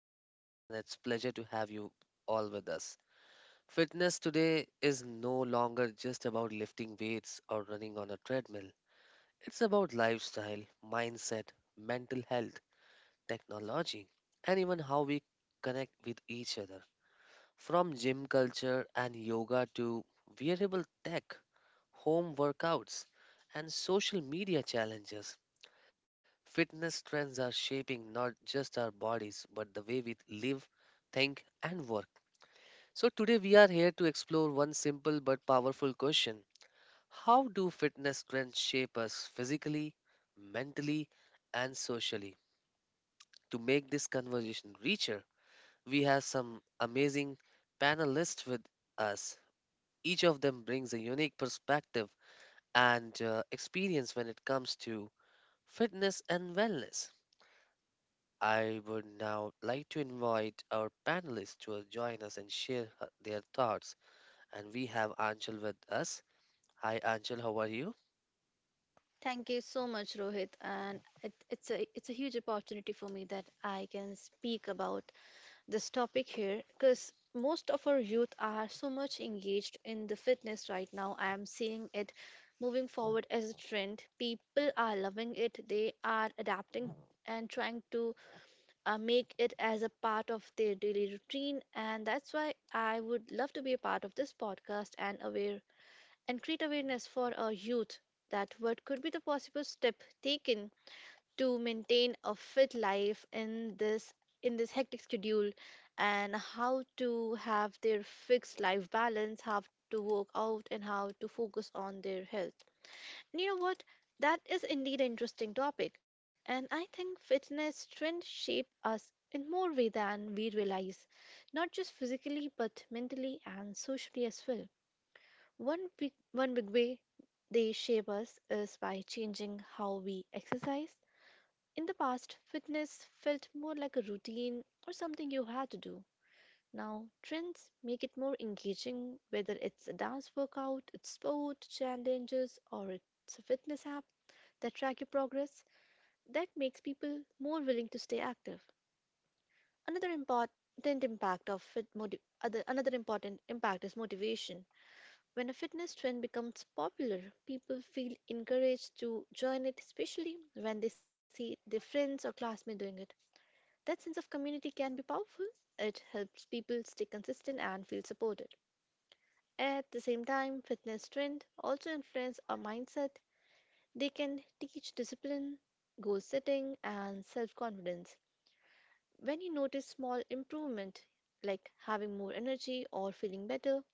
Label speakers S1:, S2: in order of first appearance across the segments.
S1: today, and it's pleasure to have you all with us. Fitness today is no longer just about lifting weights or running on a treadmill. It's about lifestyle, mindset, mental health, technology, and even how we connect with each other. From gym culture and yoga to wearable tech, home workouts, and social media challenges, fitness trends are shaping not just our bodies, but the way we live, think, and work. So, today we are here to explore one simple but powerful question. How do fitness trends shape us physically, mentally, and socially? To make this conversation richer, we have some amazing panelists with us. Each of them brings a unique perspective and experience when it comes to fitness and wellness. I would now like to invite our panelists to join us and share their thoughts. And we have Anshul with us. Hi, Anshul, how are you?
S2: Thank you so much, Rohit. And it's a huge opportunity for me that I can speak about this topic here, because most of our youth are so much engaged in the fitness right now. I am seeing it moving forward as a trend. People are loving it. They are adapting and trying to make it as a part of their daily routine. And that's why I would love to be a part of this podcast and aware and create awareness for our youth, that what could be the possible step taken to maintain a fit life in this hectic schedule, and how to have their fixed life balance, how to work out and how to focus on their health. And you know what, that is indeed an interesting topic, and I think fitness trends shape us in more way than we realize, not just physically but mentally and socially as well. One big way they shape us is by changing how we exercise. In the past, fitness felt more like a routine or something you had to do. Now, trends make it more engaging, whether it's a dance workout, it's sport, challenges, or it's a fitness app that track your progress. That makes people more willing to stay active. Another important impact of fit motiv- other, another important impact is motivation. When a fitness trend becomes popular, people feel encouraged to join it, especially when they see their friends or classmates doing it. That sense of community can be powerful. It helps people stay consistent and feel supported. At the same time, fitness trends also influence our mindset. They can teach discipline, goal setting, and self confidence. When you notice small improvement, like having more energy or feeling better,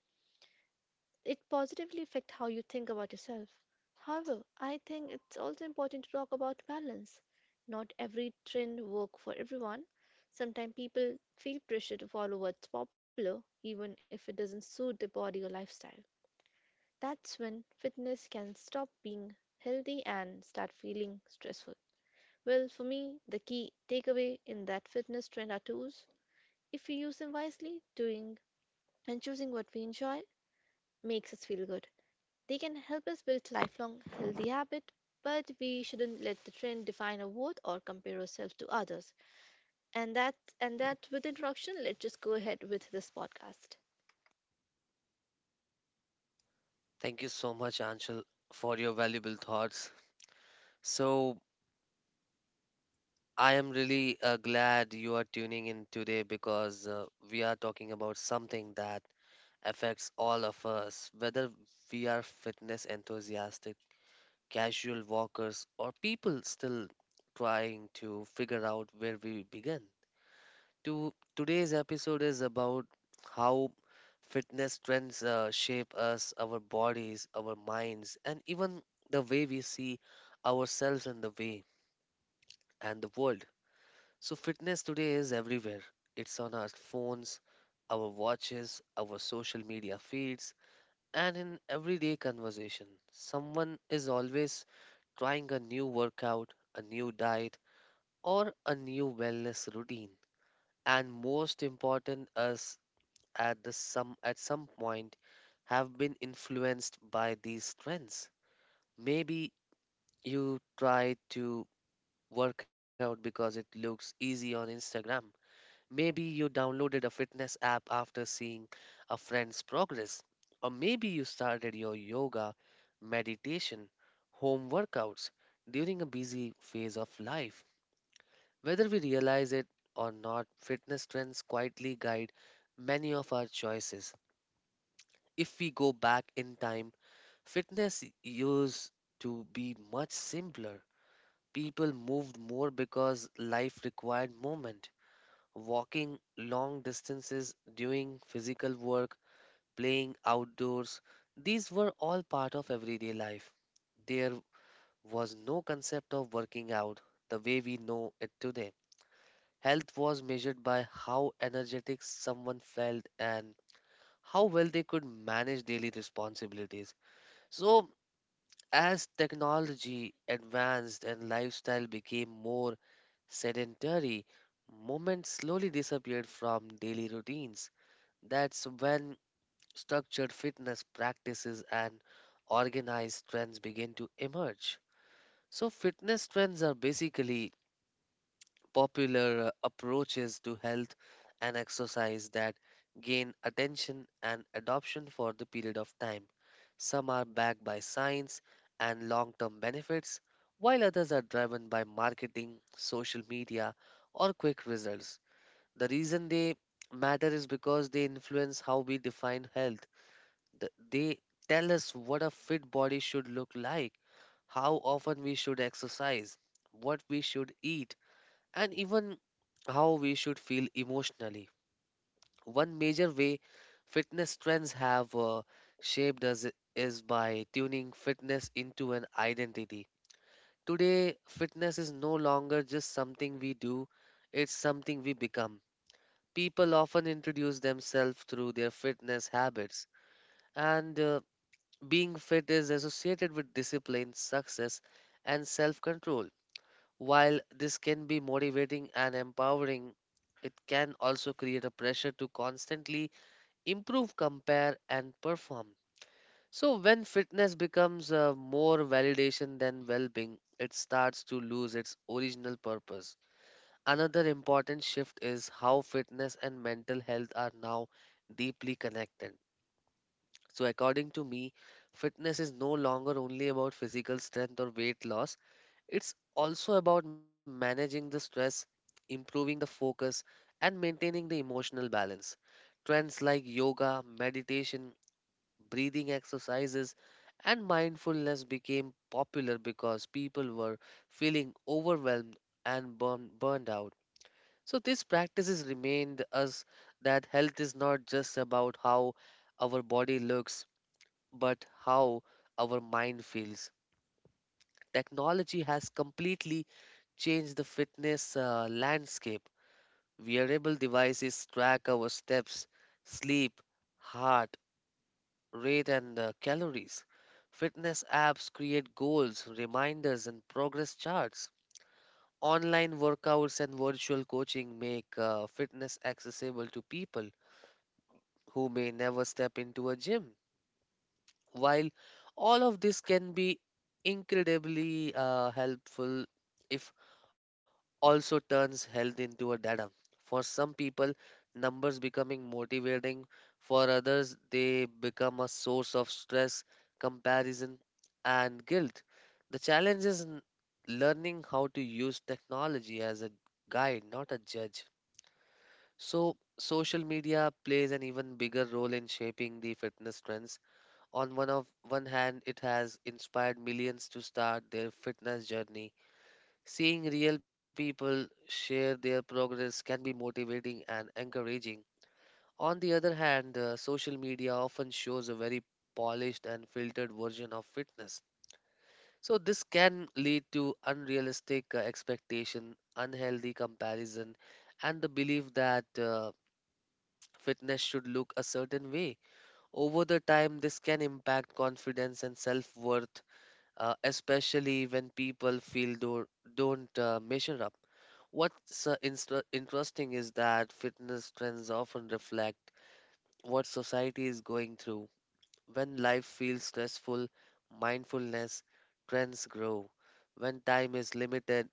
S2: it positively affects how you think about yourself. However, I think it's also important to talk about balance. Not every trend works for everyone. Sometimes people feel pressure to follow what's popular even if it doesn't suit their body or lifestyle. That's when fitness can stop being healthy and start feeling stressful. Well, for me, the key takeaway in that fitness trend are tools. If we use them wisely, doing and choosing what we enjoy makes us feel good. They can help us build lifelong healthy habits, but we shouldn't let the trend define our worth or compare ourselves to others. And that with introduction, let's just go ahead with this podcast.
S1: Thank you so much, Anshul, for your valuable thoughts. So, I am really glad you are tuning in today because we are talking about something that affects all of us, whether we are fitness enthusiastic, casual walkers, or people still trying to figure out where we begin. To today's episode is about how fitness trends shape us, our bodies, our minds, and even the way we see ourselves and the world. So fitness today is everywhere. It's on our phones, our watches, our social media feeds, and in everyday conversation. Someone is always trying a new workout, a new diet, or a new wellness routine. And most important is at some point have been influenced by these trends. Maybe you try to work out because it looks easy on Instagram. Maybe you downloaded a fitness app after seeing a friend's progress. Or maybe you started your yoga, meditation, home workouts during a busy phase of life. Whether we realize it or not, fitness trends quietly guide many of our choices. If we go back in time, fitness used to be much simpler. People moved more because life required movement. Walking long distances, doing physical work, playing outdoors, these were all part of everyday life. There was no concept of working out the way we know it today. Health was measured by how energetic someone felt and how well they could manage daily responsibilities. So, as technology advanced and lifestyle became more sedentary, movement slowly disappeared from daily routines. That's when structured fitness practices and organized trends begin to emerge. So, fitness trends are basically popular approaches to health and exercise that gain attention and adoption for the period of time. Some are backed by science and long term benefits, while others are driven by marketing, social media, or quick results. The reason they matter is because they influence how we define health. They tell us what a fit body should look like, how often we should exercise, what we should eat, and even how we should feel emotionally. One major way fitness trends have shaped us is by tuning fitness into an identity. Today, fitness is no longer just something we do, it's something we become. People often introduce themselves through their fitness habits, and being fit is associated with discipline, success, and self control. While this can be motivating and empowering, it can also create a pressure to constantly improve, compare, and perform. So, when fitness becomes more validation than well being, it starts to lose its original purpose. Another important shift is how fitness and mental health are now deeply connected. So, according to me, fitness is no longer only about physical strength or weight loss, it's also about managing the stress, improving the focus, and maintaining the emotional balance. Trends like yoga, meditation, breathing exercises, and mindfulness became popular because people were feeling overwhelmed and burned out. So, these practices remind us that health is not just about how our body looks, but how our mind feels. Technology has completely change the fitness landscape. Wearable devices track our steps, sleep, heart rate, and calories. Fitness apps create goals, reminders, and progress charts. Online workouts and virtual coaching make fitness accessible to people who may never step into a gym. While all of this can be incredibly helpful if also turns health into a data. For some people, numbers becoming motivating. For others, they become a source of stress, comparison, and guilt. The challenge is learning how to use technology as a guide, not a judge. So, social media plays an even bigger role in shaping the fitness trends. On one hand, it has inspired millions to start their fitness journey. Seeing real people share their progress can be motivating and encouraging. On the other hand, social media often shows a very polished and filtered version of fitness. So this can lead to unrealistic expectation, unhealthy comparison, and the belief that fitness should look a certain way. Over the time, this can impact confidence and self-worth, especially when people feel don't measure up. What's interesting is that fitness trends often reflect what society is going through. When life feels stressful, mindfulness trends grow. When time is limited,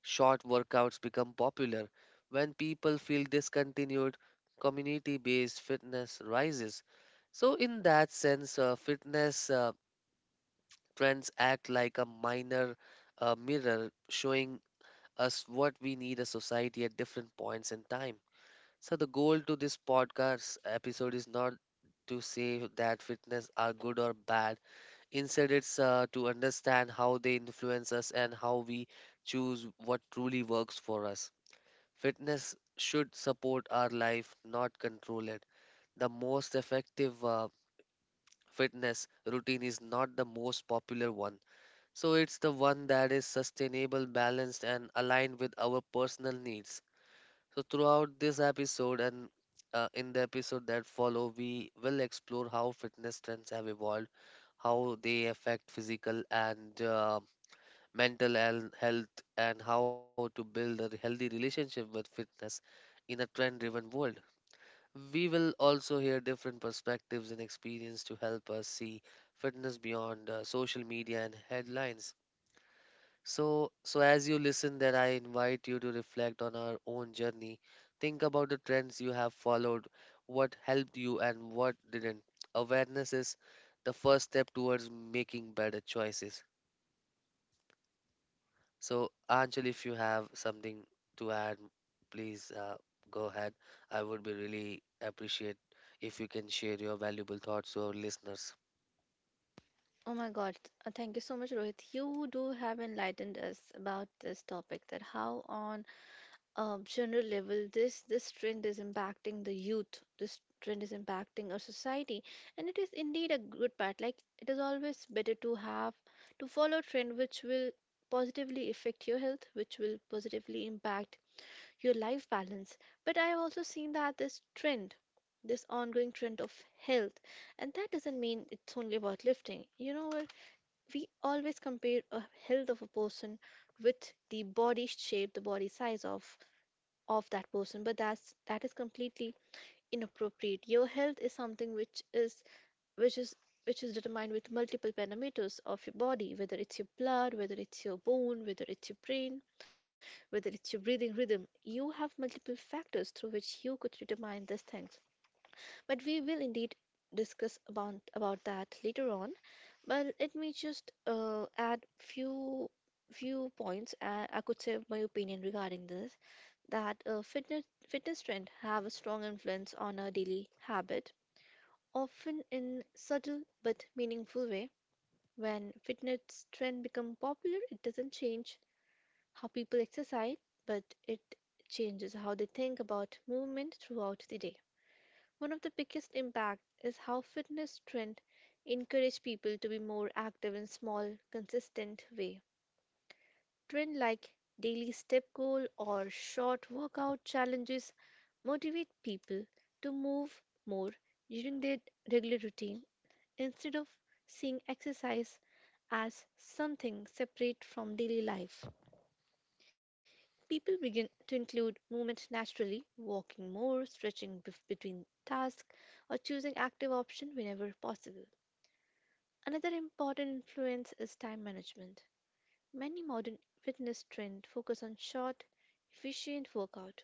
S1: short workouts become popular. When people feel discontinued, community based fitness rises. So, in that sense, fitness trends act like a minor mirror showing us what we need a society at different points in time. So, the goal to this podcast episode is not to say that fitness are good or bad. Instead, it's to understand how they influence us and how we choose what truly works for us. Fitness should support our life, not control it. The most effective fitness routine is not the most popular one. So, it's the one that is sustainable, balanced, and aligned with our personal needs. So throughout this episode and in the episode that follow, we will explore how fitness trends have evolved, how they affect physical and uh, mental health, and how to build a healthy relationship with fitness in a trend-driven world. We will also hear different perspectives and experience to help us see fitness beyond social media and headlines. So, as you listen, that I invite you to reflect on our own journey. Think about the trends you have followed, what helped you and what didn't. Awareness is the first step towards making better choices. So, Anjali, if you have something to add, please go ahead. I would be really appreciate if you can share your valuable thoughts to our listeners.
S2: Oh my God, thank you so much, Rohit. You do have enlightened us about this topic, that how on general level this trend is impacting the youth, this trend is impacting our society, and it is indeed a good part. Like, it is always better to follow trend which will positively affect your health, which will positively impact your life balance. But I have also seen that this ongoing trend of health, and that doesn't mean it's only about lifting. You know what, we always compare a health of a person with the body shape, the body size of that person. But that is completely inappropriate. Your health is something which is which is determined with multiple parameters of your body, whether it's your blood, whether it's your bone, whether it's your brain, whether it's your breathing rhythm. You have multiple factors through which you could determine these things. But we will indeed discuss about that later on. But let me just add few points, I could say my opinion regarding this. That a fitness trend have a strong influence on our daily habit, often in subtle but meaningful way. When fitness trend become popular, it doesn't change how people exercise, but it changes how they think about movement throughout the day. One of the biggest impact is how fitness trend encourage people to be more active in small, consistent way. Trend like daily step goal or short workout challenges motivate people to move more during their regular routine instead of seeing exercise as something separate from daily life. People begin to include movement naturally, walking more, stretching between tasks, or choosing active option whenever possible. Another important influence is time management. Many modern fitness trends focus on short, efficient workout.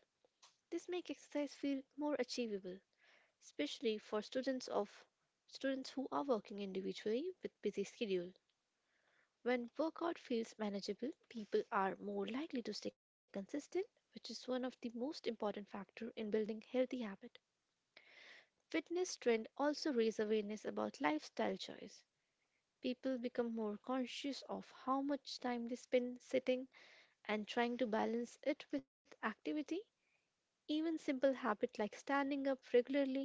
S2: This makes exercise feel more achievable, especially for students who are working individually with busy schedule. When workout feels manageable, people are more likely to stay consistent, which is one of the most important factor in building healthy habit. Fitness trend also raise awareness about lifestyle choice. People become more conscious of how much time they spend sitting and trying to balance it with activity, even simple habits like standing up regularly,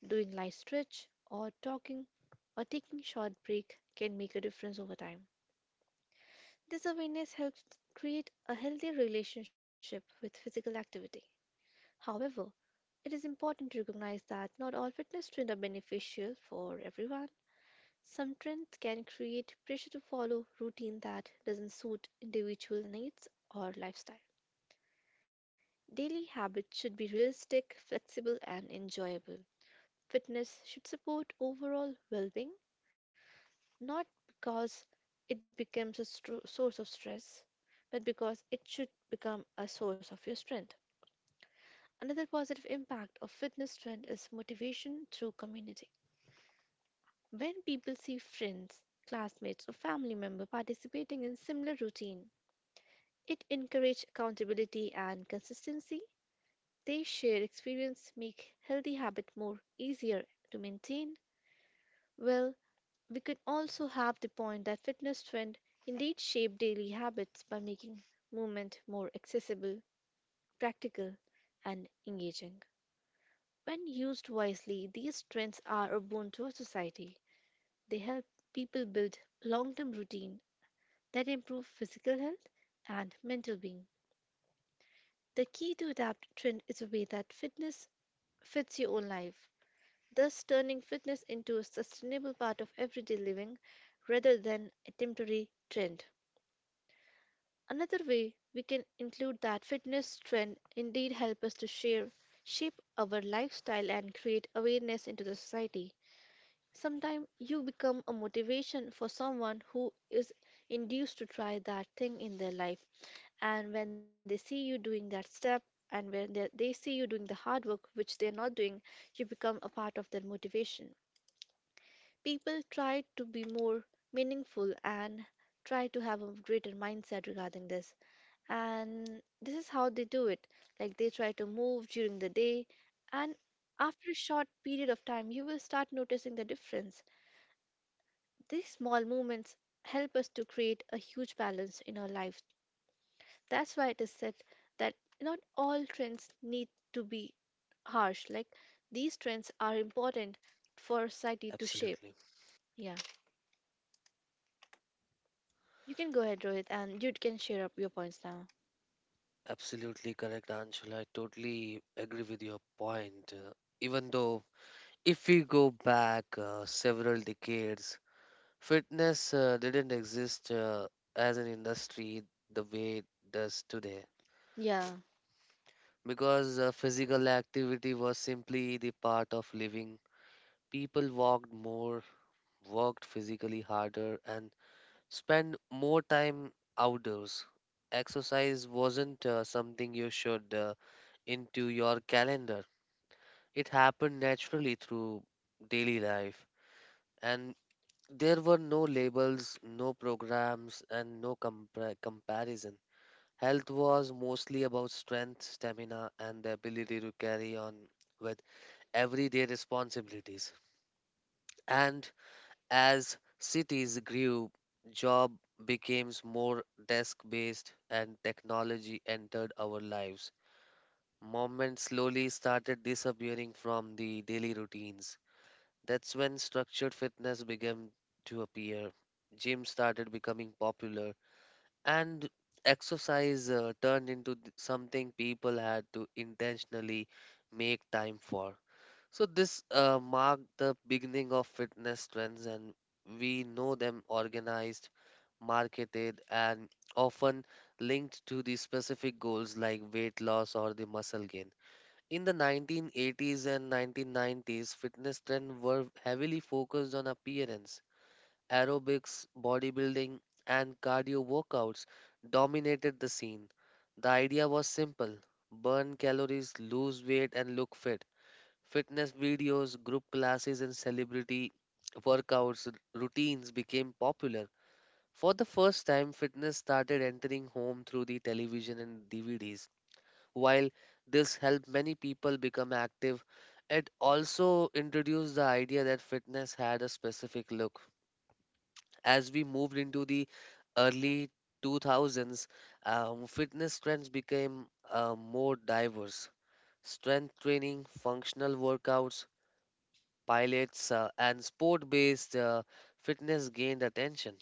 S2: doing light stretch, or taking short break, can make a difference over time. This awareness helps create a healthy relationship with physical activity. However, it is important to recognize that not all fitness trends are beneficial for everyone. Some trends can create pressure to follow routine that doesn't suit individual needs or lifestyle. Daily habits should be realistic, flexible, and enjoyable. Fitness should support overall well being, not because it becomes a source of stress, but because it should become a source of your strength. Another positive impact of fitness trend is motivation through community. When people see friends, classmates, or family member participating in similar routine, it encourages accountability and consistency. They share experience, make healthy habit more easier to maintain. Well, we could also have the point that fitness trend indeed shape daily habits by making movement more accessible, practical, and engaging. When used wisely, these trends are a boon to our society. They help people build long-term routine that improve physical health and mental being. The key to adapt trend is a way that fitness fits your own life, thus turning fitness into a sustainable part of everyday living rather than a temporary trend. Another way we can include that fitness trend indeed help us to share, shape our lifestyle and create awareness into the society. Sometimes you become a motivation for someone who is induced to try that thing in their life. And when they see you doing that step, and when they see you doing the hard work which they are not doing, you become a part of their motivation. People try to be more meaningful and try to have a greater mindset regarding this, and this is how they do it. Like, they try to move during the day, and after a short period of time you will start noticing the difference. These small movements help us to create a huge balance in our life. That's why it is said that not all trends need to be harsh. Like, these trends are important for society to shape.
S1: Absolutely.
S2: Yeah. You can go ahead, Rohit, and you can share up your points now.
S1: Absolutely correct, Anshul. I totally agree with your point. Even though if we go back several decades, fitness didn't exist as an industry the way it does today.
S2: Yeah,
S1: Because physical activity was simply the part of living, people walked more, worked physically harder, and spent more time outdoors. Exercise wasn't something you should into your calendar, it happened naturally through daily life. And there were no labels, no programs, and no comparison. Health was mostly about strength, stamina, and the ability to carry on with everyday responsibilities. And as cities grew, job became more desk based and technology entered our lives. Movement slowly started disappearing from the daily routines. That's when structured fitness began to appear. Gyms started becoming popular, and exercise turned into something people had to intentionally make time for. So, this marked the beginning of fitness trends, and we know them organized, marketed, and often linked to the specific goals like weight loss or the muscle gain. In the 1980s and 1990s, fitness trends were heavily focused on appearance. Aerobics, bodybuilding, and cardio workouts dominated the scene. The idea was simple: burn calories, lose weight, and look fit. Fitness videos, group classes, and celebrity workouts routines became popular. For the first time, fitness started entering home through the television and DVDs. While this helped many people become active, it also introduced the idea that fitness had a specific look. As we moved into the early 2000s, fitness trends became more diverse. Strength training, functional workouts, Pilates, and sport based fitness gained attention.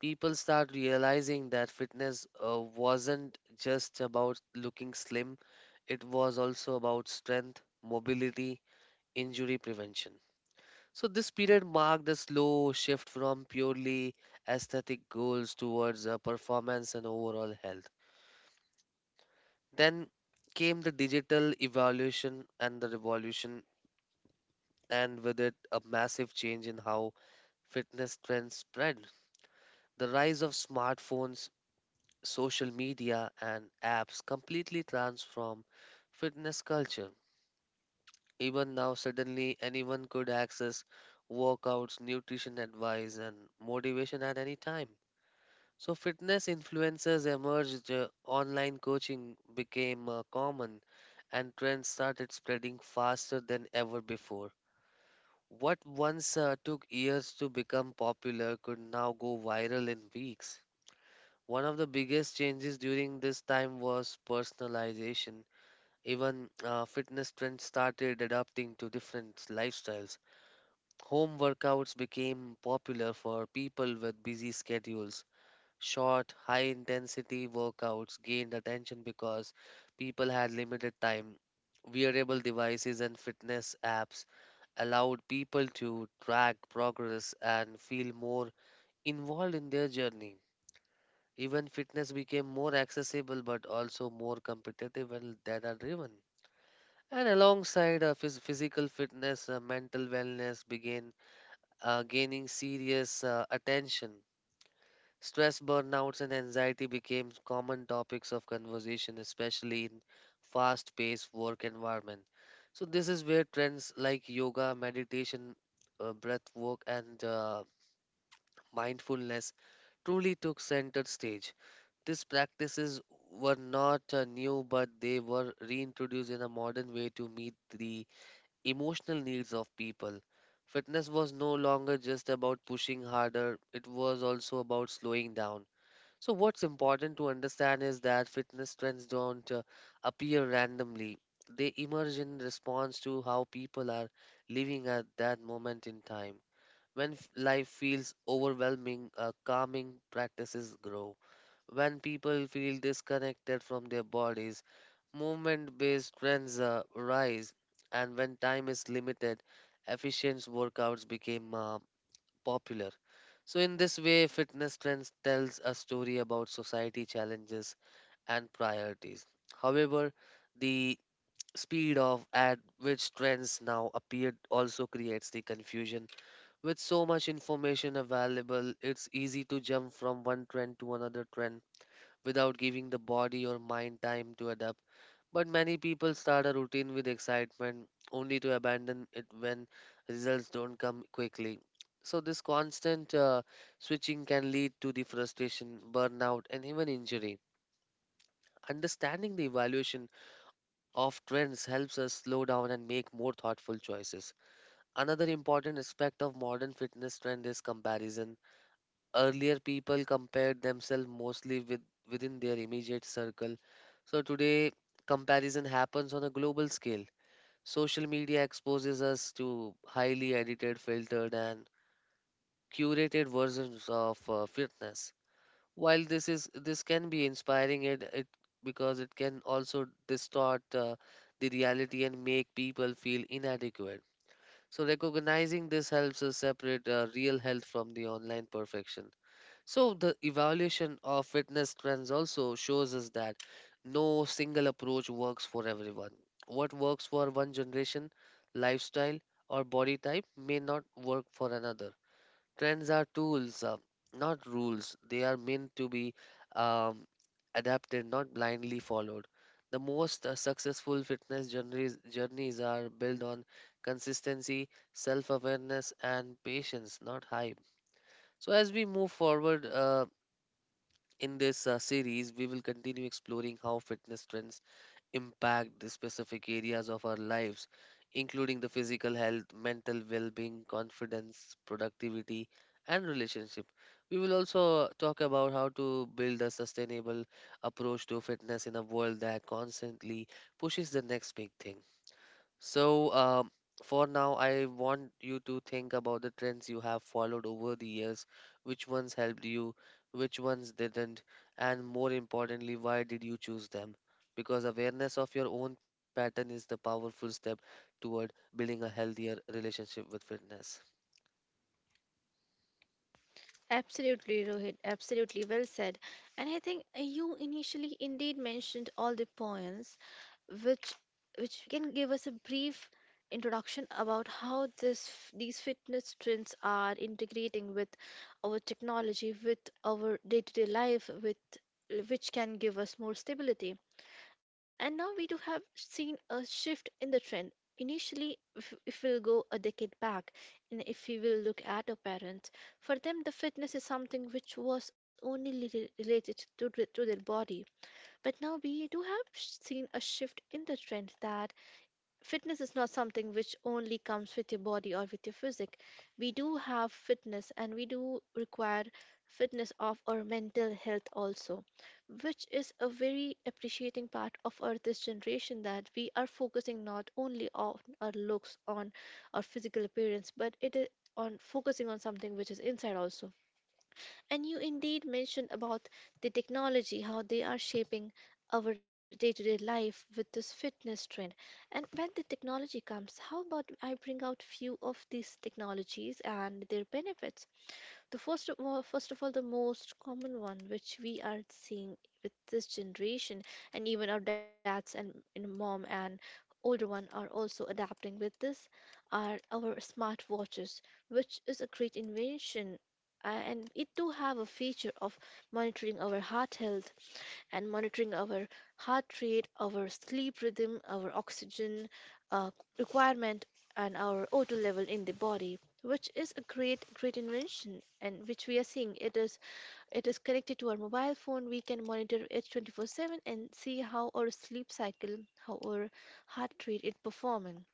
S1: People start realizing that fitness wasn't just about looking slim, it was also about strength, mobility, injury prevention. So, this period marked a slow shift from purely aesthetic goals towards performance and overall health. Then came the digital evolution and the revolution, and with it, a massive change in how fitness trends spread. The rise of smartphones, social media and apps completely transform fitness culture. Even now, suddenly anyone could access workouts, nutrition advice, and motivation at any time. So, fitness influencers emerged, online coaching became common, and trends started spreading faster than ever before. What once took years to become popular could now go viral in weeks. One of the biggest changes during this time was personalization. Even Fitness trends started adapting to different lifestyles. Home workouts became popular for people with busy schedules. Short, high intensity workouts gained attention because people had limited time. Wearable devices and fitness apps allowed people to track progress and feel more involved in their journey. Even fitness became more accessible but also more competitive and data driven. And alongside physical fitness, mental wellness began gaining serious attention. Stress, burnouts, and anxiety became common topics of conversation, especially in fast paced work environment. So, this is where trends like yoga, meditation, breath work, and mindfulness truly took center stage. These practices were not new, but they were reintroduced in a modern way to meet the emotional needs of people. Fitness was no longer just about pushing harder, it was also about slowing down. So, what's important to understand is that fitness trends don't appear randomly, they emerge in response to how people are living at that moment in time. When life feels overwhelming, calming practices grow. When people feel disconnected from their bodies, movement based trends rise, and when time is limited, efficient workouts became popular. So, in this way, fitness trends tells a story about society challenges and priorities. However, the speed of at which trends now appear also creates the confusion. With so much information available, it's easy to jump from one trend to another trend without giving the body or mind time to adapt. But many people start a routine with excitement only to abandon it when results don't come quickly. So, this constant switching can lead to the frustration, burnout, and even injury. Understanding the evaluation of trends helps us slow down and make more thoughtful choices. Another important aspect of modern fitness trend is comparison. Earlier, people compared themselves mostly with, within their immediate circle. So today, comparison happens on a global scale. Social media exposes us to highly edited, filtered, and curated versions of fitness. While this can be inspiring, it because it can also distort the reality and make people feel inadequate. So recognizing this helps us separate real health from the online perfection. So, the evaluation of fitness trends also shows us that no single approach works for everyone. What works for one generation, lifestyle, or body type may not work for another. Trends are tools, not rules. They are meant to be um, adapted, not blindly followed. The most successful fitness journeys are built on consistency, self awareness, and patience, not hype. So, as we move forward, in this series, we will continue exploring how fitness trends impact the specific areas of our lives, including the physical health, mental well being, confidence, productivity, and relationship. We will also talk about how to build a sustainable approach to fitness in a world that constantly pushes the next big thing. So, for now, I want you to think about the trends you have followed over the years, which ones helped you, which ones didn't, and more importantly, why did you choose them? Because awareness of your own pattern is the powerful step toward building a healthier relationship with fitness.
S2: absolutely, Rohit. Absolutely, well said. And I think you initially indeed mentioned all the points, which which can give us a brief introduction about how this these fitness trends are integrating with our technology, with our day-to-day life, with which can give us more stability. And now we do have seen a shift in the trend. Initially, if we'll go a decade back, and if we will look at our parents, for them the fitness is something which was only related to their body. But now we do have seen a shift in the trend, that fitness is not something which only comes with your body or with your physique. We do have fitness and we do require fitness of our mental health also, which is a very appreciating part of our this generation, that we are focusing not only on our looks, on our physical appearance, but it is on focusing on something which is inside also. And you indeed mentioned about the technology, how they are shaping our day to day life with this fitness trend. And when the technology comes, how about I bring out few of these technologies and their benefits? The first of all, the most common one which we are seeing with this generation, and even our dads and mom and older one are also adapting with this, are our smart watches, which is a great invention, and it do have a feature of monitoring our heart health and monitoring our heart rate, our sleep rhythm, our oxygen uh, requirement, and our 0 level in the body, which is a great, great invention, and which we are seeing. It is connected to our mobile phone. We can monitor it 24/7 and see how our sleep cycle, how our heart rate is performing.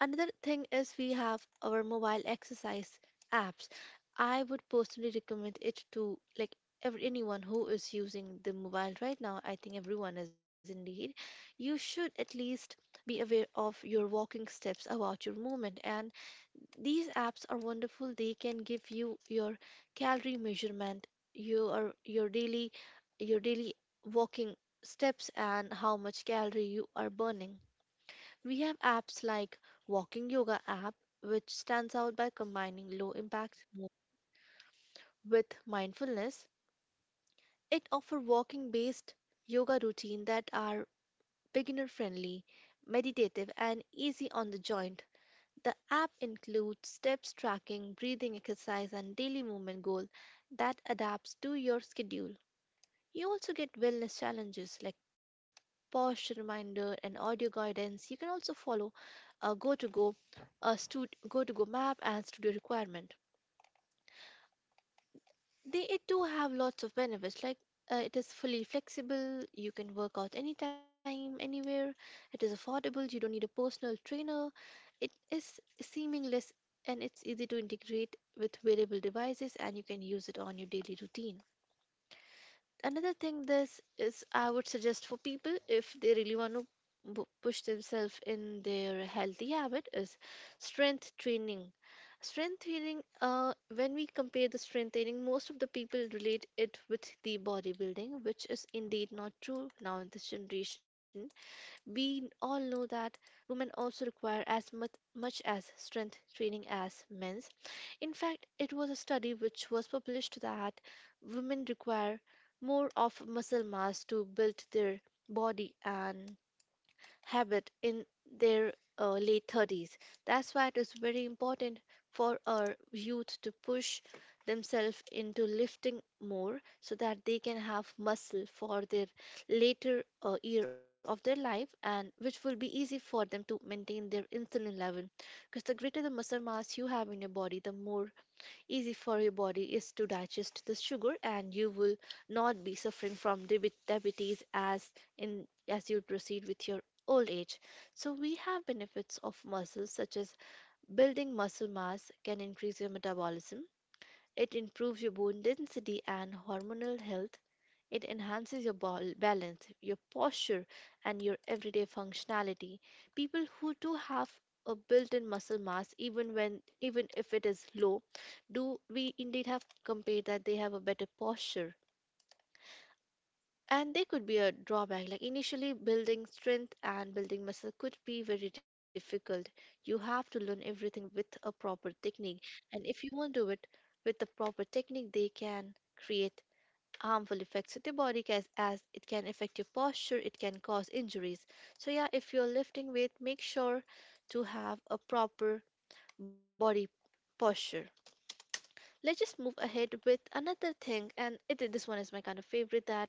S2: Another thing is we have our mobile exercise apps. I would personally recommend it to, like, anyone who is using the mobile right now. I think everyone is indeed. You should at least be aware of your walking steps, about your movement. And these apps are wonderful. They can give you your calorie measurement, your daily walking steps, and how much calorie you are burning. We have apps like Walking Yoga app, which stands out by combining low impact movement with mindfulness. It offers walking based yoga routine that are beginner friendly, meditative and easy on the joint. The app includes steps tracking, breathing exercise and daily movement goal that adapts to your schedule. You also get wellness challenges like posture reminder and audio guidance. You can also follow a go to go a stud- go to go map and studio requirement. They it do have lots of benefits, like it is fully flexible. You can work out anytime anywhere. It is affordable. You don't need a personal trainer. It is seamless, and it's easy to integrate with wearable devices, and you can use it on your daily routine. Another thing, this is, I would suggest for people if they really want to push themselves in their healthy habit is strength training. Strength training, when we compare the strength training, most of the people relate it with the bodybuilding, which is indeed not true now in this generation. We all know that women also require as much as strength training as men's. In fact, it was a study which was published that women require more of muscle mass to build their body and habit in their late 30s. That's why it is very important for our youth to push themselves into lifting more, so that they can have muscle for their later year of their life, and which will be easy for them to maintain their insulin level, because the greater the muscle mass you have in your body, the more easy for your body is to digest the sugar, and you will not be suffering from diabetes as you proceed with your old age. So we have benefits of muscles such as building muscle mass can increase your metabolism, it improves your bone density and hormonal health, it enhances your balance, your posture, and your everyday functionality. People who do have a built-in muscle mass, even if it is low, do we indeed have compared that they have a better posture. And there could be a drawback. Like, initially, building strength and building muscle could be very difficult. You have to learn everything with a proper technique, and if you won't do it with the proper technique, they can create harmful effects to the body, as it can affect your posture, it can cause injuries. So yeah, if you're lifting weight, make sure to have a proper body posture. Let's just move ahead with another thing, and it, this one is my kind of favorite. That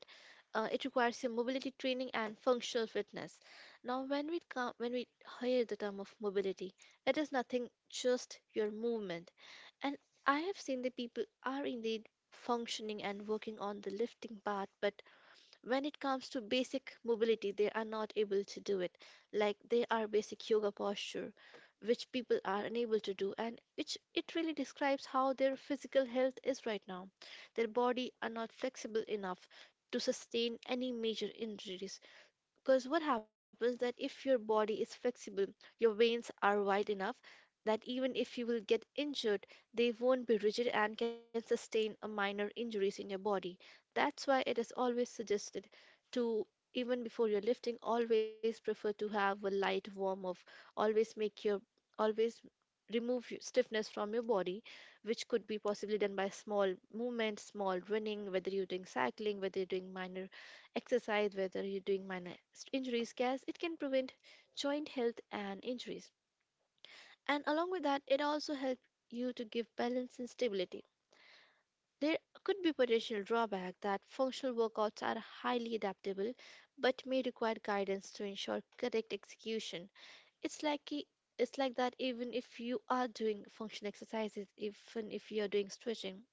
S2: it requires your mobility training and functional fitness. Now, when we hear the term of mobility, it is nothing just your movement. And I have seen the people are indeed functioning and working on the lifting part, but when it comes to basic mobility they are not able to do it. Like, they are basic yoga posture, which people are unable to do, and which it really describes how their physical health is right now. Their body are not flexible enough to sustain any major injuries, because what happens that if your body is flexible, your veins are wide enough that even if you will get injured, they won't be rigid and can sustain a minor injuries in your body. That's why it is always suggested to, even before you're lifting, always prefer to have a light warm up. Always make your, always remove your stiffness from your body, which could be possibly done by small movement, small running, whether you're doing cycling, whether you're doing minor exercise, whether you're doing minor injury scares. It can prevent joint health and injuries. And along with that, it also helps you to give balance and stability. There could be potential drawback that functional workouts are highly adaptable but may require guidance to ensure correct execution. It's like it's like that even if you are doing functional exercises, even if you're doing stretching,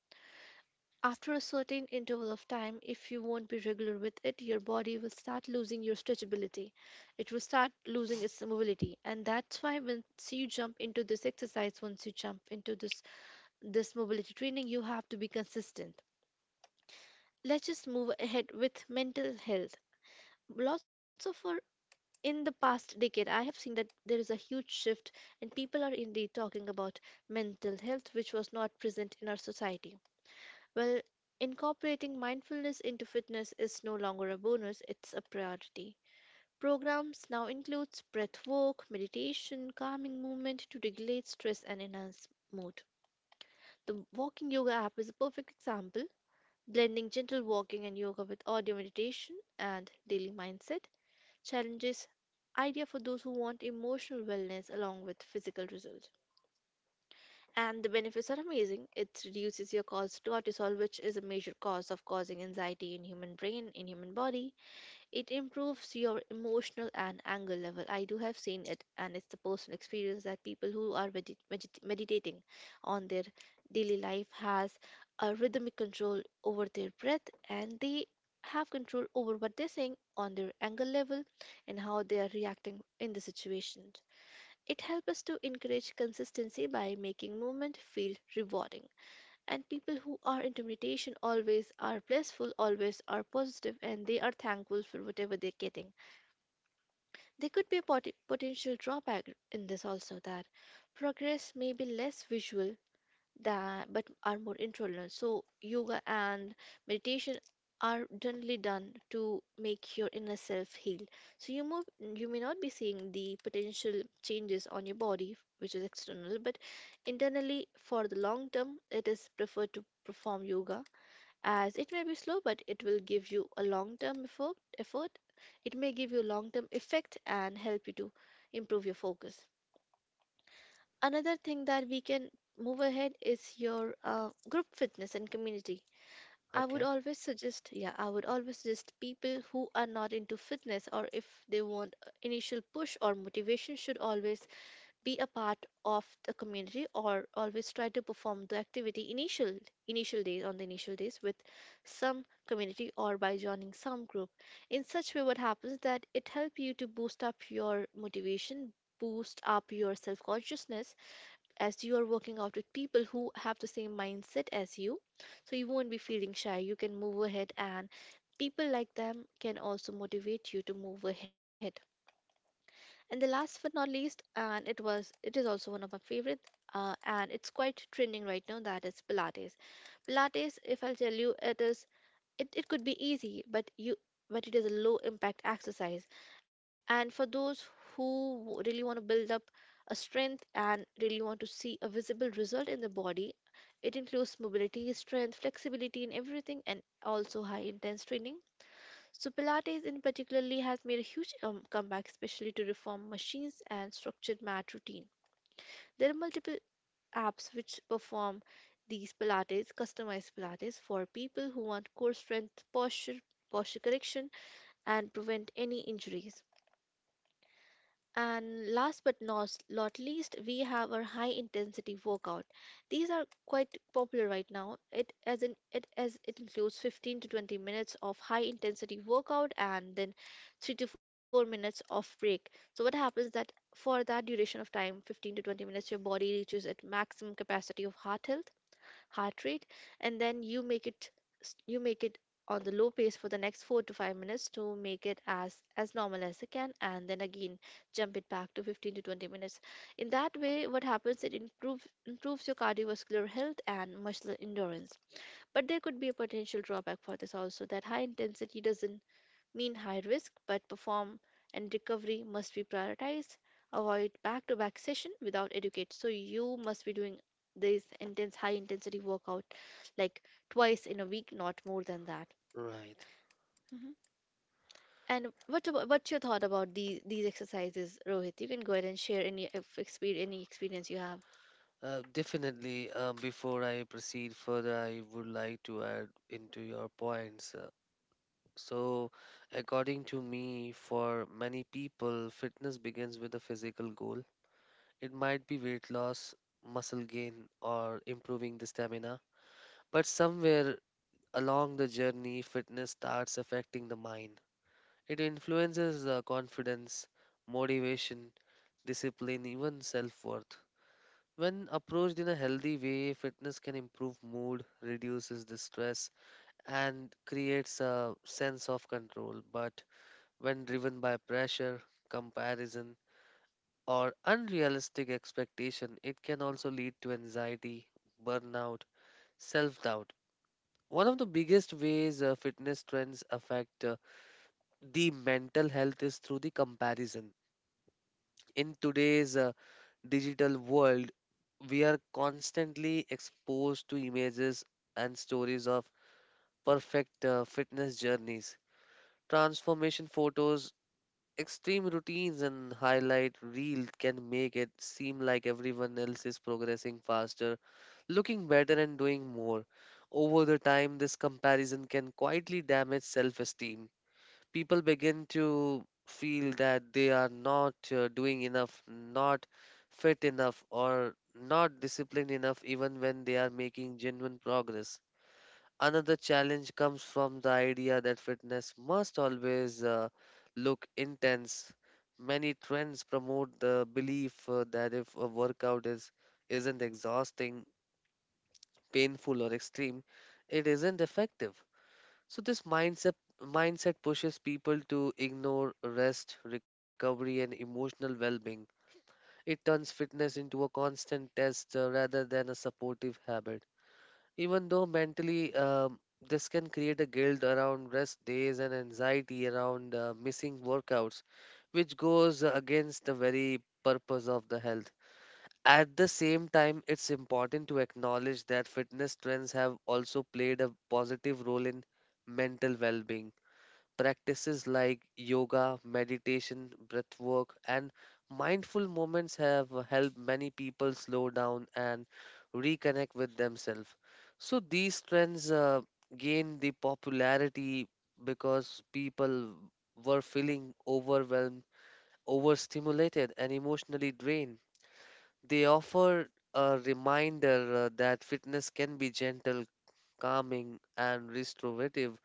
S2: after a certain interval of time, if you won't be regular with it, your body will start losing your stretchability. It will start losing its mobility. And that's why once you jump into this exercise, once you jump into this mobility training, you have to be consistent. Let's just move ahead with mental health. Lots of our, in the past decade, I have seen that there is a huge shift, and people are indeed talking about mental health, which was not present in our society. Well, incorporating mindfulness into fitness is no longer a bonus, it's a priority. Programs now includes breath work, meditation, calming movement to regulate stress and enhance mood. The Walking Yoga app is a perfect example, blending gentle walking and yoga with audio meditation and daily mindset challenges, idea for those who want emotional wellness along with physical results. And the benefits are amazing. It reduces your cause cortisol, which is a major cause of causing anxiety in human brain, in human body. It improves your emotional and anger level. I do have seen it, and it's the personal experience that people who are meditating on their daily life has a rhythmic control over their breath, and they have control over what they're saying on their anger level, and how they are reacting in the situation. It helps us to encourage consistency by making movement feel rewarding. And people who are into meditation always are blissful, always are positive, and they are thankful for whatever they're getting. There could be a potential drawback in this also, that progress may be less visual that but are more intolerant. So yoga and meditation are generally done to make your inner self heal, so you move, you may not be seeing the potential changes on your body which is external, but internally for the long term it is preferred to perform yoga, as it may be slow but it will give you a long term effort. It may give you long term effect and help you to improve your focus. Another thing that we can move ahead is your group fitness and community. I would
S1: Okay,
S2: always suggest, yeah, I would always suggest people who are not into fitness, or if they want a initial push or motivation, should always be a part of the community, or always try to perform the activity initial initial days on the initial days with some community, or by joining some group. In such way, what happens that it helps you to boost up your motivation, boost up your self consciousness, as you are working out with people who have the same mindset as you, so you won't be feeling shy, you can move ahead, and people like them can also motivate you to move ahead. And the last but not least, and it is also one of my favorite, and it's quite trending right now, that is pilates. Pilates, if I'll tell you, it is, it could be easy, but you, but it is a low impact exercise, and for those who really want to build up a strength and really want to see a visible result in the body, it includes mobility strength flexibility in everything, and also high intense training. So pilates in particularly has made a huge comeback, especially to reform machines and structured mat routine. There are multiple apps which perform these Pilates, customized Pilates for people who want core strength, posture, posture correction, and prevent any injuries. And last but not least, we have our high intensity workout. These are quite popular right now. It as in it as it includes 15 to 20 minutes of high intensity workout, and then 3 to 4 minutes of break. So what happens that for that duration of time, 15 to 20 minutes, your body reaches its maximum capacity of heart health, heart rate, and then you make it s- you make it on the low pace for the next 4 to 5 minutes to make it as normal as it can, and then again jump it back to 15 to 20 minutes. In that way, what happens, it improves your cardiovascular health and muscle endurance. But there could be a potential drawback for this also, that high intensity doesn't mean high risk, but perform and recovery must be prioritized. Avoid back to back session without educate. So you must be doing this intense high intensity workout like twice in a week, not more than that.
S1: right.
S2: hmm And what about, what's your thought about these exercises, Rohit? You can go ahead and share any if exper- any experience you have.
S1: Definitely, before I proceed further, I would like to add into your points. So, according to me, for many people, fitness begins with a physical goal. It might be weight loss, muscle gain, or improving the stamina. But somewhere along the journey, fitness starts affecting the mind. It influences the confidence, motivation, discipline, even self worth. When approached in a healthy way, fitness can improve mood, reduces the stress, and creates a sense of control. But when driven by pressure, comparison, or unrealistic expectation, it can also lead to anxiety, burnout, self doubt. One of the biggest ways fitness trends affect the mental health is through the comparison. In today's digital world, we are constantly exposed to images and stories of perfect fitness journeys, transformation photos. Extreme routines and highlight reel can make it seem like everyone else is progressing faster, looking better, and doing more. Over the time, this comparison can quietly damage self esteem. People begin to feel that they are not doing enough, not fit enough, or not disciplined enough, even when they are making genuine progress. Another challenge comes from the idea that fitness must always look intense. Many trends promote the belief that if a workout is isn't exhausting, painful or extreme, it isn't effective. So this mindset pushes people to ignore rest, recovery and emotional well-being. It turns fitness into a constant test rather than a supportive habit. Even though mentally this can create a guilt around rest days and anxiety around missing workouts, which goes against the very purpose of the health. At the same time, it's important to acknowledge that fitness trends have also played a positive role in mental well being. Practices like yoga, meditation, breath work, and mindful moments have helped many people slow down and reconnect with themselves. So these trends gained the popularity because people were feeling overwhelmed, overstimulated, and emotionally drained. They offer a reminder that fitness can be gentle, calming, and restorative,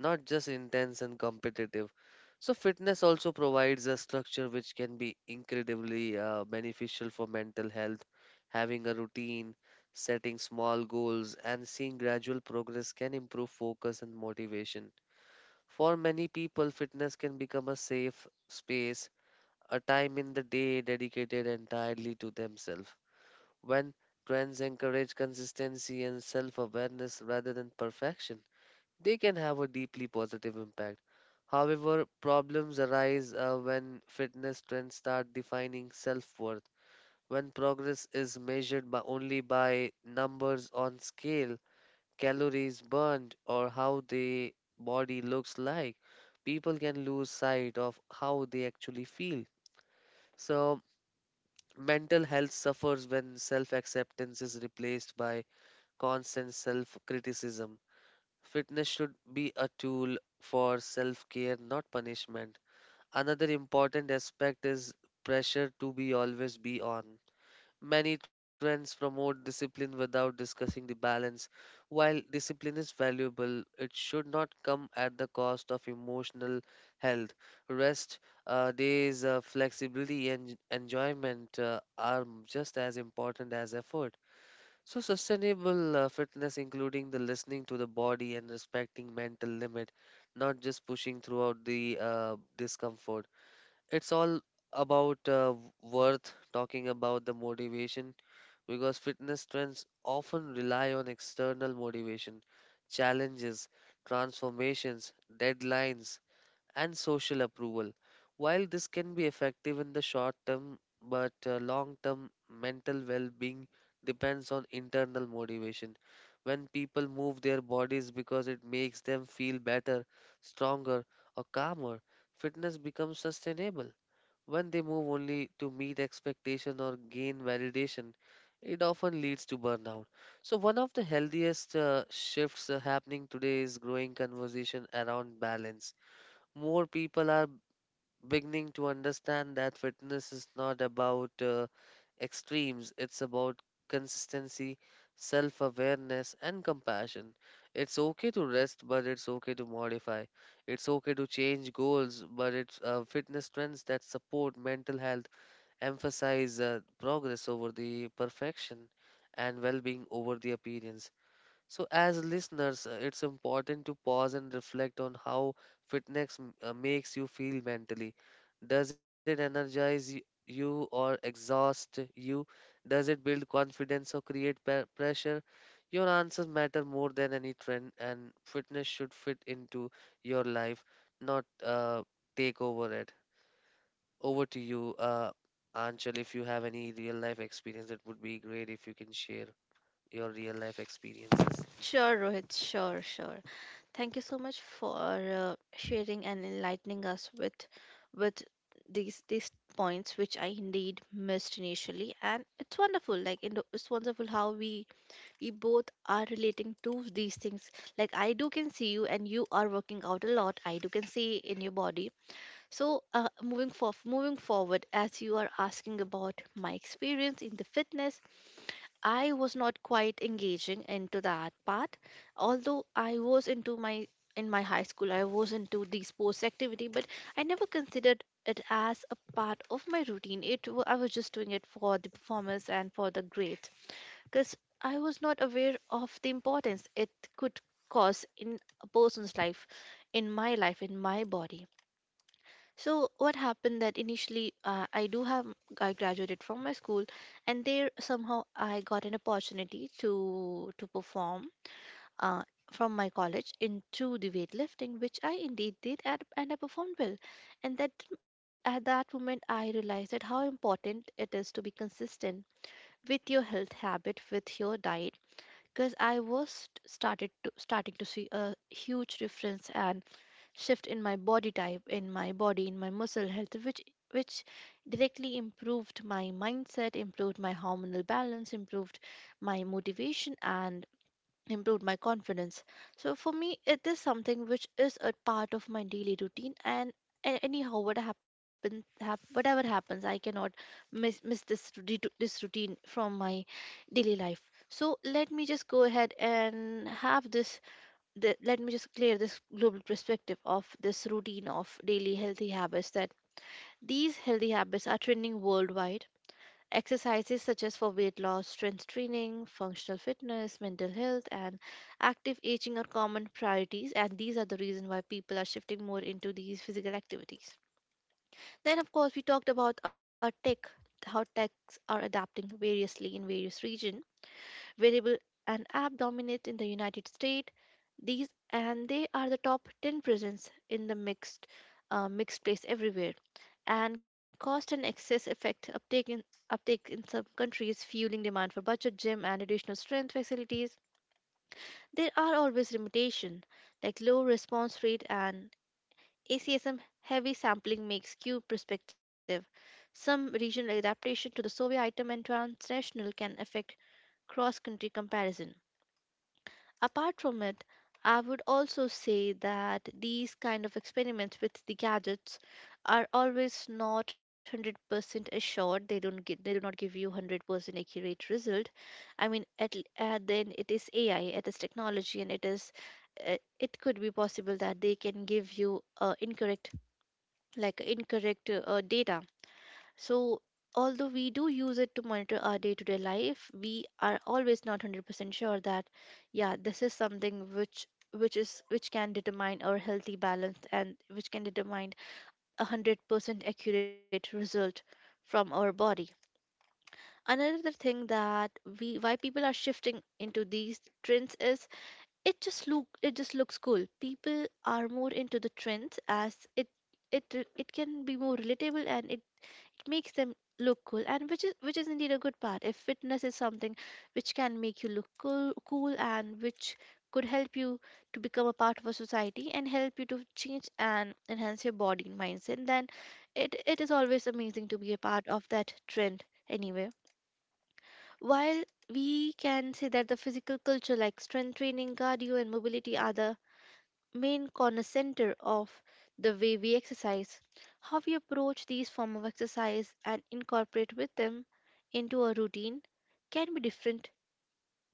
S1: not just intense and competitive. So, fitness also provides a structure which can be incredibly beneficial for mental health. Having a routine, setting small goals, and seeing gradual progress can improve focus and motivation. For many people, fitness can become a safe space, a time in the day dedicated entirely to themselves. When trends encourage consistency and self awareness rather than perfection, they can have a deeply positive impact. However, problems arise when fitness trends start defining self worth. When progress is measured by only by numbers on scale, calories burned, or how the body looks like, people can lose sight of how they actually feel. So, mental health suffers when self acceptance is replaced by constant self criticism. Fitness should be a tool for self care, not punishment. Another important aspect is pressure to be always be on. Many trends promote discipline without discussing the balance. While discipline is valuable, it should not come at the cost of emotional health. Rest days, flexibility, and enjoyment are just as important as effort. So sustainable fitness, including the listening to the body and respecting mental limit, not just pushing throughout the discomfort. It's all about worth talking about the motivation because fitness trends often rely on external motivation, challenges, transformations, deadlines, and social approval. While this can be effective in the short term, but long term mental well being depends on internal motivation. When people move their bodies because it makes them feel better, stronger, or calmer, fitness becomes sustainable. When they move only to meet expectation or gain validation, it often leads to burnout. So, one of the healthiest shifts happening today is growing conversation around balance. More people are beginning to understand that fitness is not about extremes, it's about consistency, self awareness, and compassion. It's okay to rest, but it's okay to modify. It's okay to change goals, but it's fitness trends that support mental health emphasize progress over the perfection and well being over the appearance. So, as listeners, it's important to pause and reflect on how fitness makes you feel mentally. Does it energize you or exhaust you? Does it build confidence or create pressure? Your answers matter more than any trend, and fitness should fit into your life, not take over it. Over to you, Anchal. If you have any real life experience, it would be great if you can share your real life experiences.
S2: Sure, Rohit. Sure, sure. Thank you so much for sharing and enlightening us with these points which I indeed missed initially, and it's wonderful like it's wonderful how we both are relating to these things. Like, I do can see you and you are working out a lot, I do can see in your body. So moving forward, as you are asking about my experience in the fitness, I was not quite engaging into that part. Although I was into my in my high school, I was into the sports activity, but I never considered it as a part of my routine. I was just doing it for the performance and for the grade, because I was not aware of the importance it could cause in a person's life, in my body. So what happened that initially, I do have I graduated from my school, and there somehow I got an opportunity to perform, uh, from my college, into the weightlifting, which I indeed did, and I performed well. And that At that moment I realized that how important it is to be consistent with your health habit, with your diet, because I was started to starting to see a huge difference and shift in my body type, in my body, in my muscle health, which directly improved my mindset, improved my hormonal balance, improved my motivation, and improved my confidence. So for me it is something which is a part of my daily routine, and a- anyhow what happens hap, whatever happens, I cannot miss this routine from my daily life. So let me just go ahead and have let me just clear this global perspective of this routine of daily healthy habits, that these healthy habits are trending worldwide. Exercises such as for weight loss, strength training, functional fitness, mental health, and active aging are common priorities, and these are the reason why people are shifting more into these physical activities. Then, of course, we talked about our tech, how techs are adapting variously in various regions. Wearable and app dominate in the United States. These, and they are the top 10 presence in the mixed place everywhere. And cost and excess effect uptake in some countries, fueling demand for budget gym and additional strength facilities. There are always limitations like low response rate and ACSM heavy sampling makes skewed perspective. Some regional adaptation to the survey item and transnational can affect cross-country comparison. Apart from it, I would also say that these kind of experiments with the gadgets are always not 100% assured. They don't get they do not give you 100% accurate result. I mean, at, l- at then it is AI, it is technology, and it could be possible that they can give you incorrect, incorrect data. So, although we do use it to monitor our day to day life, we are always not 100% sure that, yeah, this is something which can determine our healthy balance and which can determine a 100% accurate result from our body. Another thing, that we why people are shifting into these trends is it just looks cool. People are more into the trends as it it can be more relatable, and it makes them look cool, and which is indeed a good part. If fitness is something which can make you cool, and which could help you to become a part of a society and help you to change and enhance your body and mindset, then it is always amazing to be a part of that trend. Anyway, while we can say that the physical culture like strength training, cardio, and mobility are the main center of the way we exercise, how we approach these form of exercise and incorporate with them into a routine can be different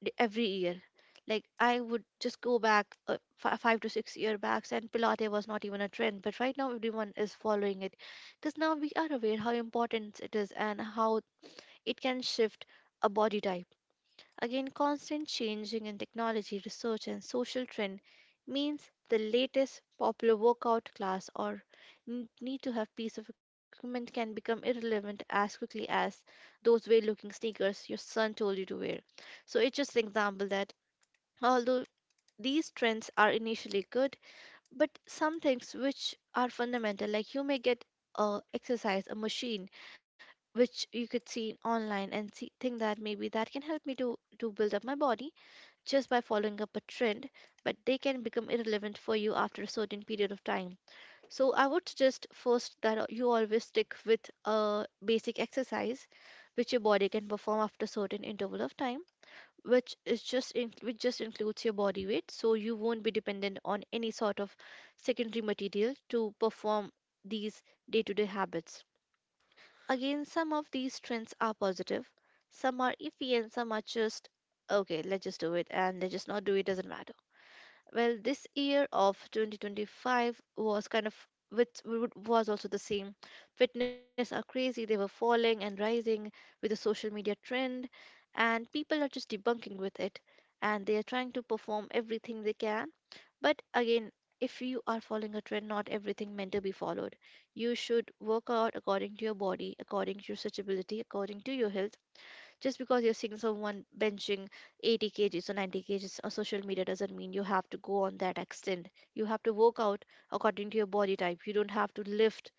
S2: every year. Like, I would just go back 5 to 6 year backs, and Pilates was not even a trend, but right now everyone is following it, because now we are aware how important it is and how it can shift a body type. Again, constant changing in technology, research, and social trend means the latest popular workout class or need to have piece of equipment can become irrelevant as quickly as those weird looking sneakers your son told you to wear. So it's just an example that, although these trends are initially good, but some things which are fundamental, like you may get a exercise, a machine which you could see online and see, think that maybe that can help me to build up my body just by following up a trend, but they can become irrelevant for you after a certain period of time. So I would suggest first that you always stick with a basic exercise which your body can perform after a certain interval of time, which which just includes your body weight, so you won't be dependent on any sort of secondary material to perform these day-to-day habits. Again, some of these trends are positive, some are iffy, and some are just okay, let's just do it, and let's just not do it, doesn't matter. Well, this year of 2025 was kind of, was also the same. Fitness are crazy, they were falling and rising with the social media trend, and people are just debunking with it, and they are trying to perform everything they can. But again, if you are following a trend, not everything meant to be followed. You should work out according to your body, according to your stretchability, according to your health. Just because you're seeing someone benching 80 kgs or 90 kgs on social media doesn't mean you have to go on that extent. You have to work out according to your body type. You don't have to lift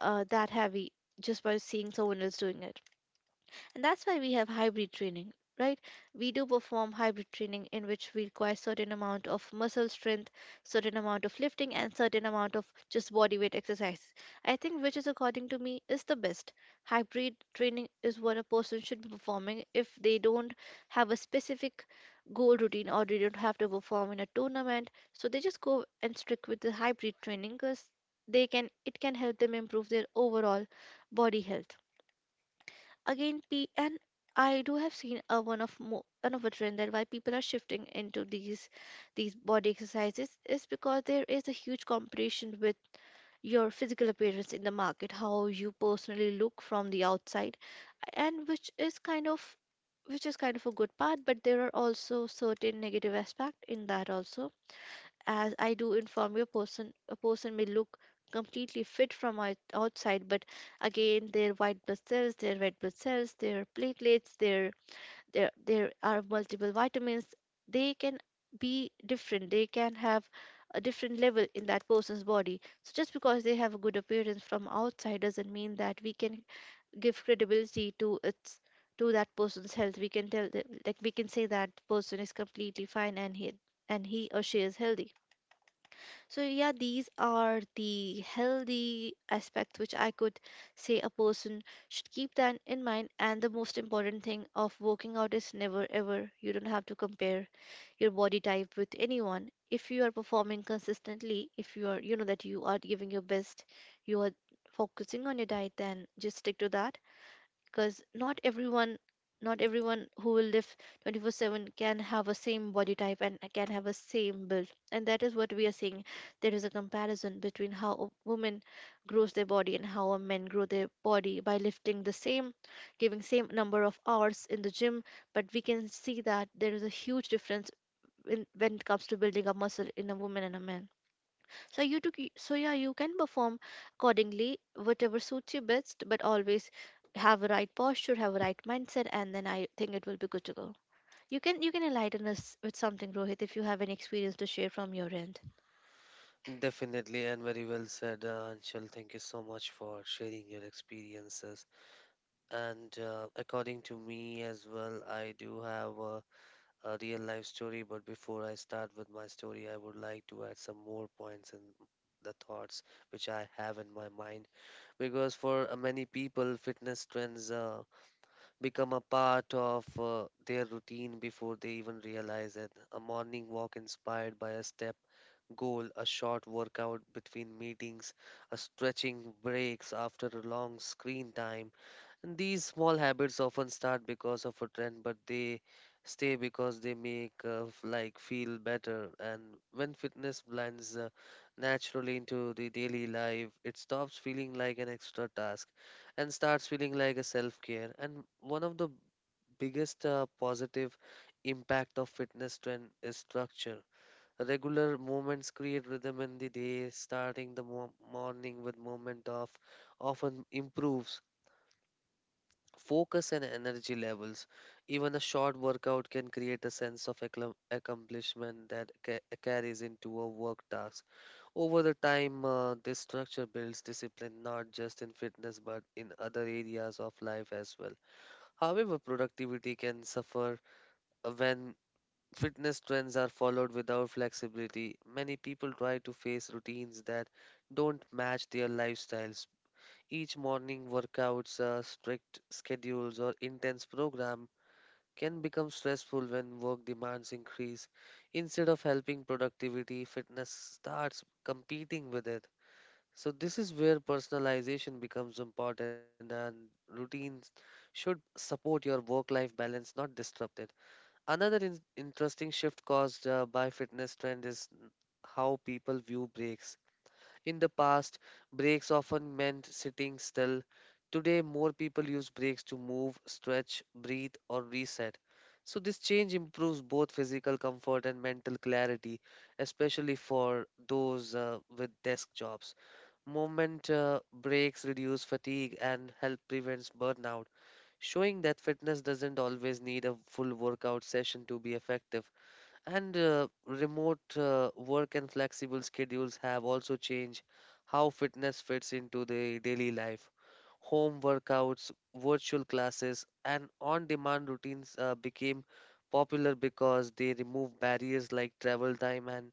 S2: that heavy just by seeing someone else doing it. And that's why we have hybrid training, right? We do perform hybrid training in which we require certain amount of muscle strength, certain amount of lifting, and certain amount of just body weight exercise. I think which, is according to me, is the best. Hybrid training is what a person should be performing if they don't have a specific goal routine or they don't have to perform in a tournament. So they just go and stick with the hybrid training, because they can it can help them improve their overall body health. Again, P and I do have seen a one of a trend that why people are shifting into these body exercises is because there is a huge competition with your physical appearance in the market, how you personally look from the outside, and which is kind of a good part, but there are also certain negative aspect in that also. As I do inform you, a person may look completely fit from outside, but again, their white blood cells, their red blood cells, their platelets, their there are multiple vitamins. They can be different. They can have a different level in that person's body. So just because they have a good appearance from outside doesn't mean that we can give credibility to its to that person's health. We can tell that, like we can say that person is completely fine and he or she is healthy. So, yeah, these are the healthy aspects which I could say a person should keep that in mind. And the most important thing of working out is, never ever, you don't have to compare your body type with anyone. If you are performing consistently, if you are, you know, that you are giving your best, you are focusing on your diet, then just stick to that, because not everyone who will live 24/7 can have a same body type and can have a same build. And that is what we are seeing. There is a comparison between how a woman grows their body and how a men grow their body by lifting the same, giving same number of hours in the gym, but we can see that there is a huge difference when it comes to building a muscle in a woman and a man. So yeah, you can perform accordingly, whatever suits you best, but always have a right posture, have a right mindset, and then I think it will be good to go. You can enlighten us with something, Rohit, if you have any experience to share from your end.
S1: Definitely, and very well said, Anshul. Thank you so much for sharing your experiences. And according to me as well, I do have a real life story. But before I start with my story, I would like to add some more points and the thoughts which I have in my mind. Because for many people, fitness trends become a part of their routine before they even realize it. A morning walk inspired by a step goal, a short workout between meetings, a stretching breaks after a long screen time. And these small habits often start because of a trend, but they stay because they make like feel better. And when fitness blends naturally into the daily life, it stops feeling like an extra task and starts feeling like a self care. And one of the biggest positive impact of fitness trend is structure. Regular movements create rhythm in the day. Starting the morning with movement of often improves focus and energy levels. Even a short workout can create a sense of accomplishment that carries into a work task. Over the time, this structure builds discipline not just in fitness but in other areas of life as well. However, productivity can suffer when fitness trends are followed without flexibility. Many people try to face routines that don't match their lifestyles. Each morning workouts, strict schedules, or intense program can become stressful when work demands increase. Instead of helping productivity, fitness starts competing with it. So, this is where personalization becomes important, and routines should support your work life balance, not disrupt it. Another interesting shift caused by fitness trend is how people view breaks. In the past, breaks often meant sitting still. Today, more people use breaks to move, stretch, breathe, or reset. So, this change improves both physical comfort and mental clarity, especially for those with desk jobs. Movement breaks reduce fatigue and help prevents burnout showing that fitness doesn't always need a full workout session to be effective. And remote work and flexible schedules have also changed how fitness fits into the daily life. Home workouts, virtual classes, and on demand routines became popular because they remove barriers like travel time and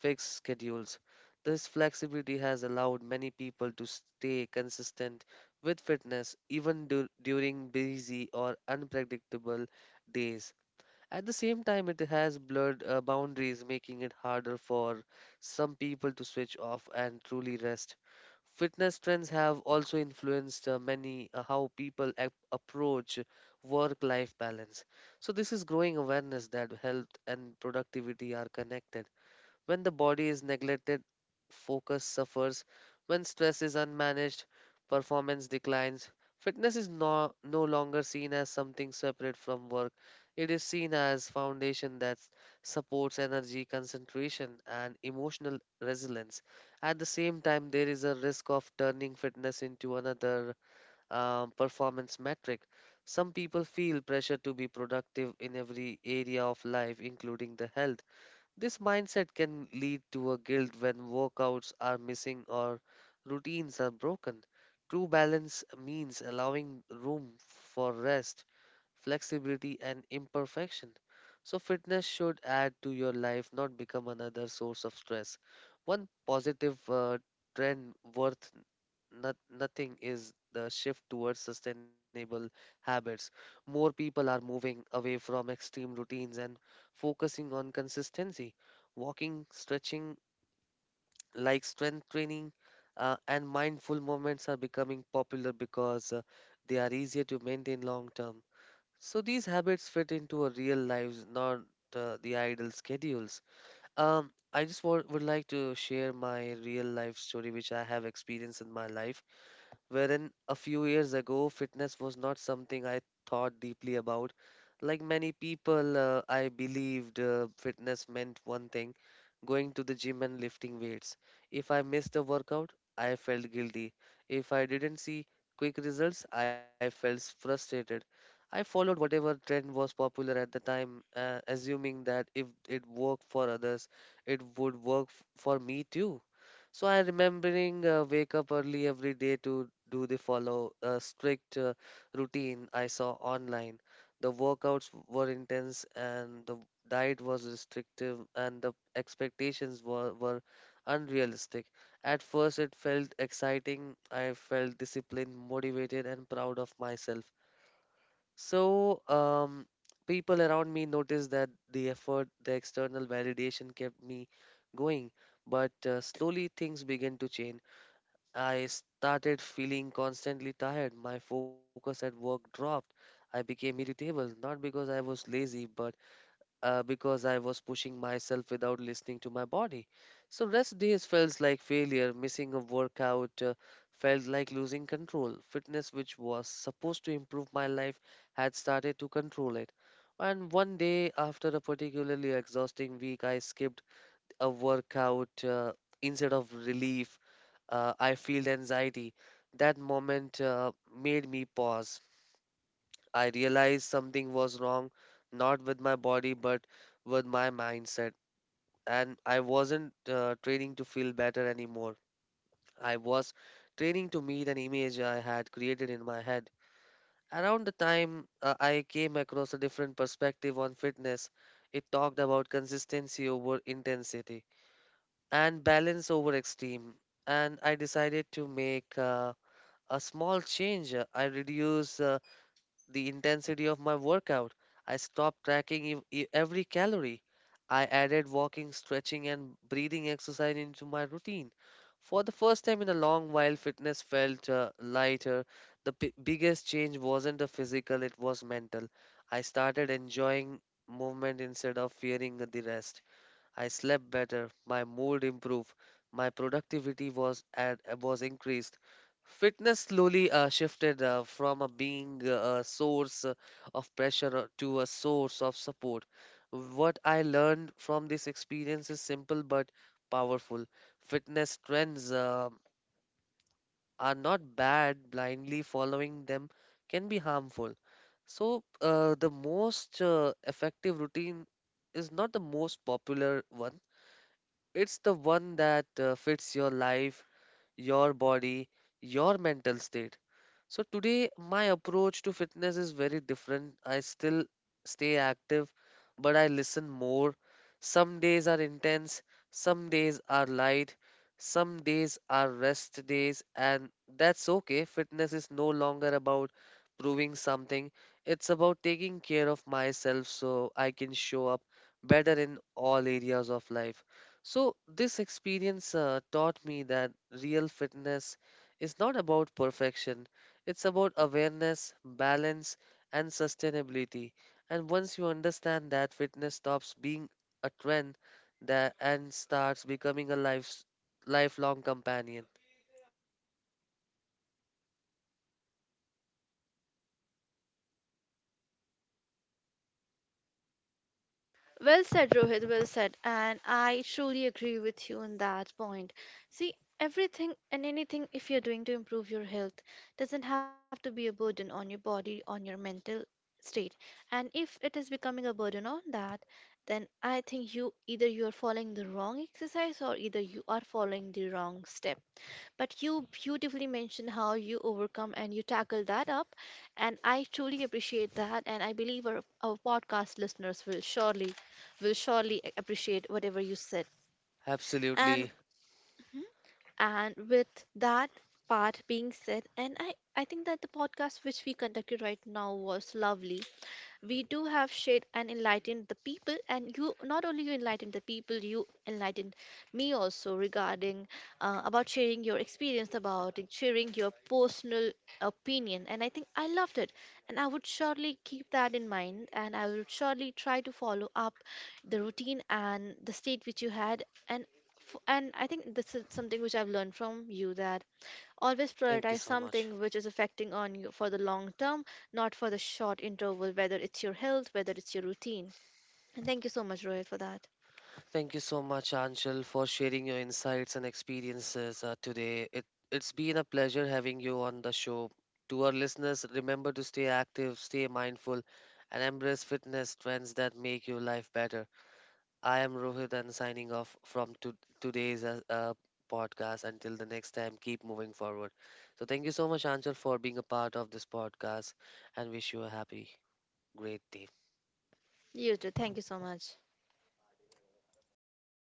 S1: fixed schedules. This flexibility has allowed many people to stay consistent with fitness even during busy or unpredictable days. At the same time, it has blurred boundaries, making it harder for some people to switch off and truly rest. Fitness trends have also influenced many how people approach work life balance. So, this is growing awareness that health and productivity are connected when the body is neglected, focus suffers. When stress is unmanaged, performance declines. Fitness is no longer seen as something separate from work. It is seen as foundation that supports energy, concentration, and emotional resilience. At the same time, there is a risk of turning fitness into another performance metric. Some people feel pressure to be productive in every area of life, including the health, this mindset can lead to a guilt when workouts are missing or routines are broken. True balance means allowing room for rest, flexibility, and imperfection. So, fitness should add to your life, not become another source of stress. One positive trend worth nothing is the shift towards sustainable habits. More people are moving away from extreme routines and focusing on consistency. Walking, stretching, like strength training, and mindful movements are becoming popular because they are easier to maintain long term. So these habits fit into our real lives, not the idle schedules. I just would like to share my real life story, which I have experienced in my life wherein a few years ago, fitness was not something I thought deeply about. Like many people, I believed fitness meant one thing, going to the gym and lifting weights. If I missed a workout, I felt guilty. If I didn't see quick results, I felt frustrated. I followed whatever trend was popular at the time, assuming that if it worked for others, it would work for me too. So I remembering wake up early every day to do the follow a strict routine I saw online. The workouts were intense and the diet was restrictive and the expectations were unrealistic. At first it felt exciting. I felt disciplined, motivated and proud of myself. So, people around me noticed that the effort, the external validation kept me going. But slowly things began to change. I started feeling constantly tired. My focus at work dropped. I became irritable, not because I was lazy, but because I was pushing myself without listening to my body. So rest days felt like failure, missing a workout felt like losing control. Fitness, which was supposed to improve my life, had started to control it. And one day, after a particularly exhausting week, I skipped a workout instead of relief. I feel anxiety. That moment made me pause. I realized something was wrong, not with my body, but with my mindset. And I wasn't training to feel better anymore. I was training to meet an image I had created in my head. Around the time I came across a different perspective on fitness, it talked about consistency over intensity and balance over extreme. And I decided to make a small change. I reduced the intensity of my workout. I stopped tracking every calorie. I added walking, stretching, and breathing exercise into my routine. For the first time in a long while, fitness felt lighter. The biggest change wasn't the physical, it was mental. I started enjoying movement instead of fearing the rest. I slept better, my mood improved, my productivity was increased. Fitness slowly shifted from a being a source of pressure to a source of support. What I learned from this experience is simple but powerful. Fitness trends are not bad, blindly following them can be harmful. So, the most effective routine is not the most popular one, it's the one that fits your life, your body, your mental state. So today, my approach to fitness is very different. I still stay active, but I listen more. Some days are intense, some days are light, some days are rest days, and that's okay. Fitness is no longer about proving something, it's about taking care of myself so I can show up better in all areas of life. So, this experience taught me that real fitness is not about perfection, it's about awareness, balance, and sustainability. And once you understand that, fitness stops being a trend, and starts becoming a lifelong companion.
S2: Well said, Rohit. Well said. And I truly agree with you on that point. See, everything and anything, if you're doing to improve your health, doesn't have to be a burden on your body, on your mental state. And if it is becoming a burden on that, then I think you either you are following the wrong exercise or either you are following the wrong step. But you beautifully mentioned how you overcome and you tackle that up. And I truly appreciate that. And I believe our podcast listeners will will surely appreciate whatever you said. And
S1: Absolutely.
S2: mhm, and with that part being said, and I think that the podcast which we conducted right now was lovely. We do have shared and enlightened the people, and you not only you enlightened the people, you enlightened me also regarding, about sharing your experience about it, sharing your personal opinion, and I think I loved it. And I would surely keep that in mind, and I will surely try to follow up the routine and the state which you had. And and I think this is something which I've learned from you, that always
S1: Thank you
S2: prioritize
S1: so much.
S2: something which is affecting on you for the long term, not for the short interval, whether it's your health, whether it's your routine. And thank you so much, Rohit, for that.
S1: Thank you so much, Anshul, for sharing your insights and experiences today. It's been a pleasure having you on the show. To our listeners, remember to stay active, stay mindful, and embrace fitness trends that make your life better. I am Rohit and signing off from today's podcast. Until the next time, keep moving forward. So, thank you so much, Anchal, for being a part of this podcast and wish you a happy, great day.
S2: You too, thank you so much.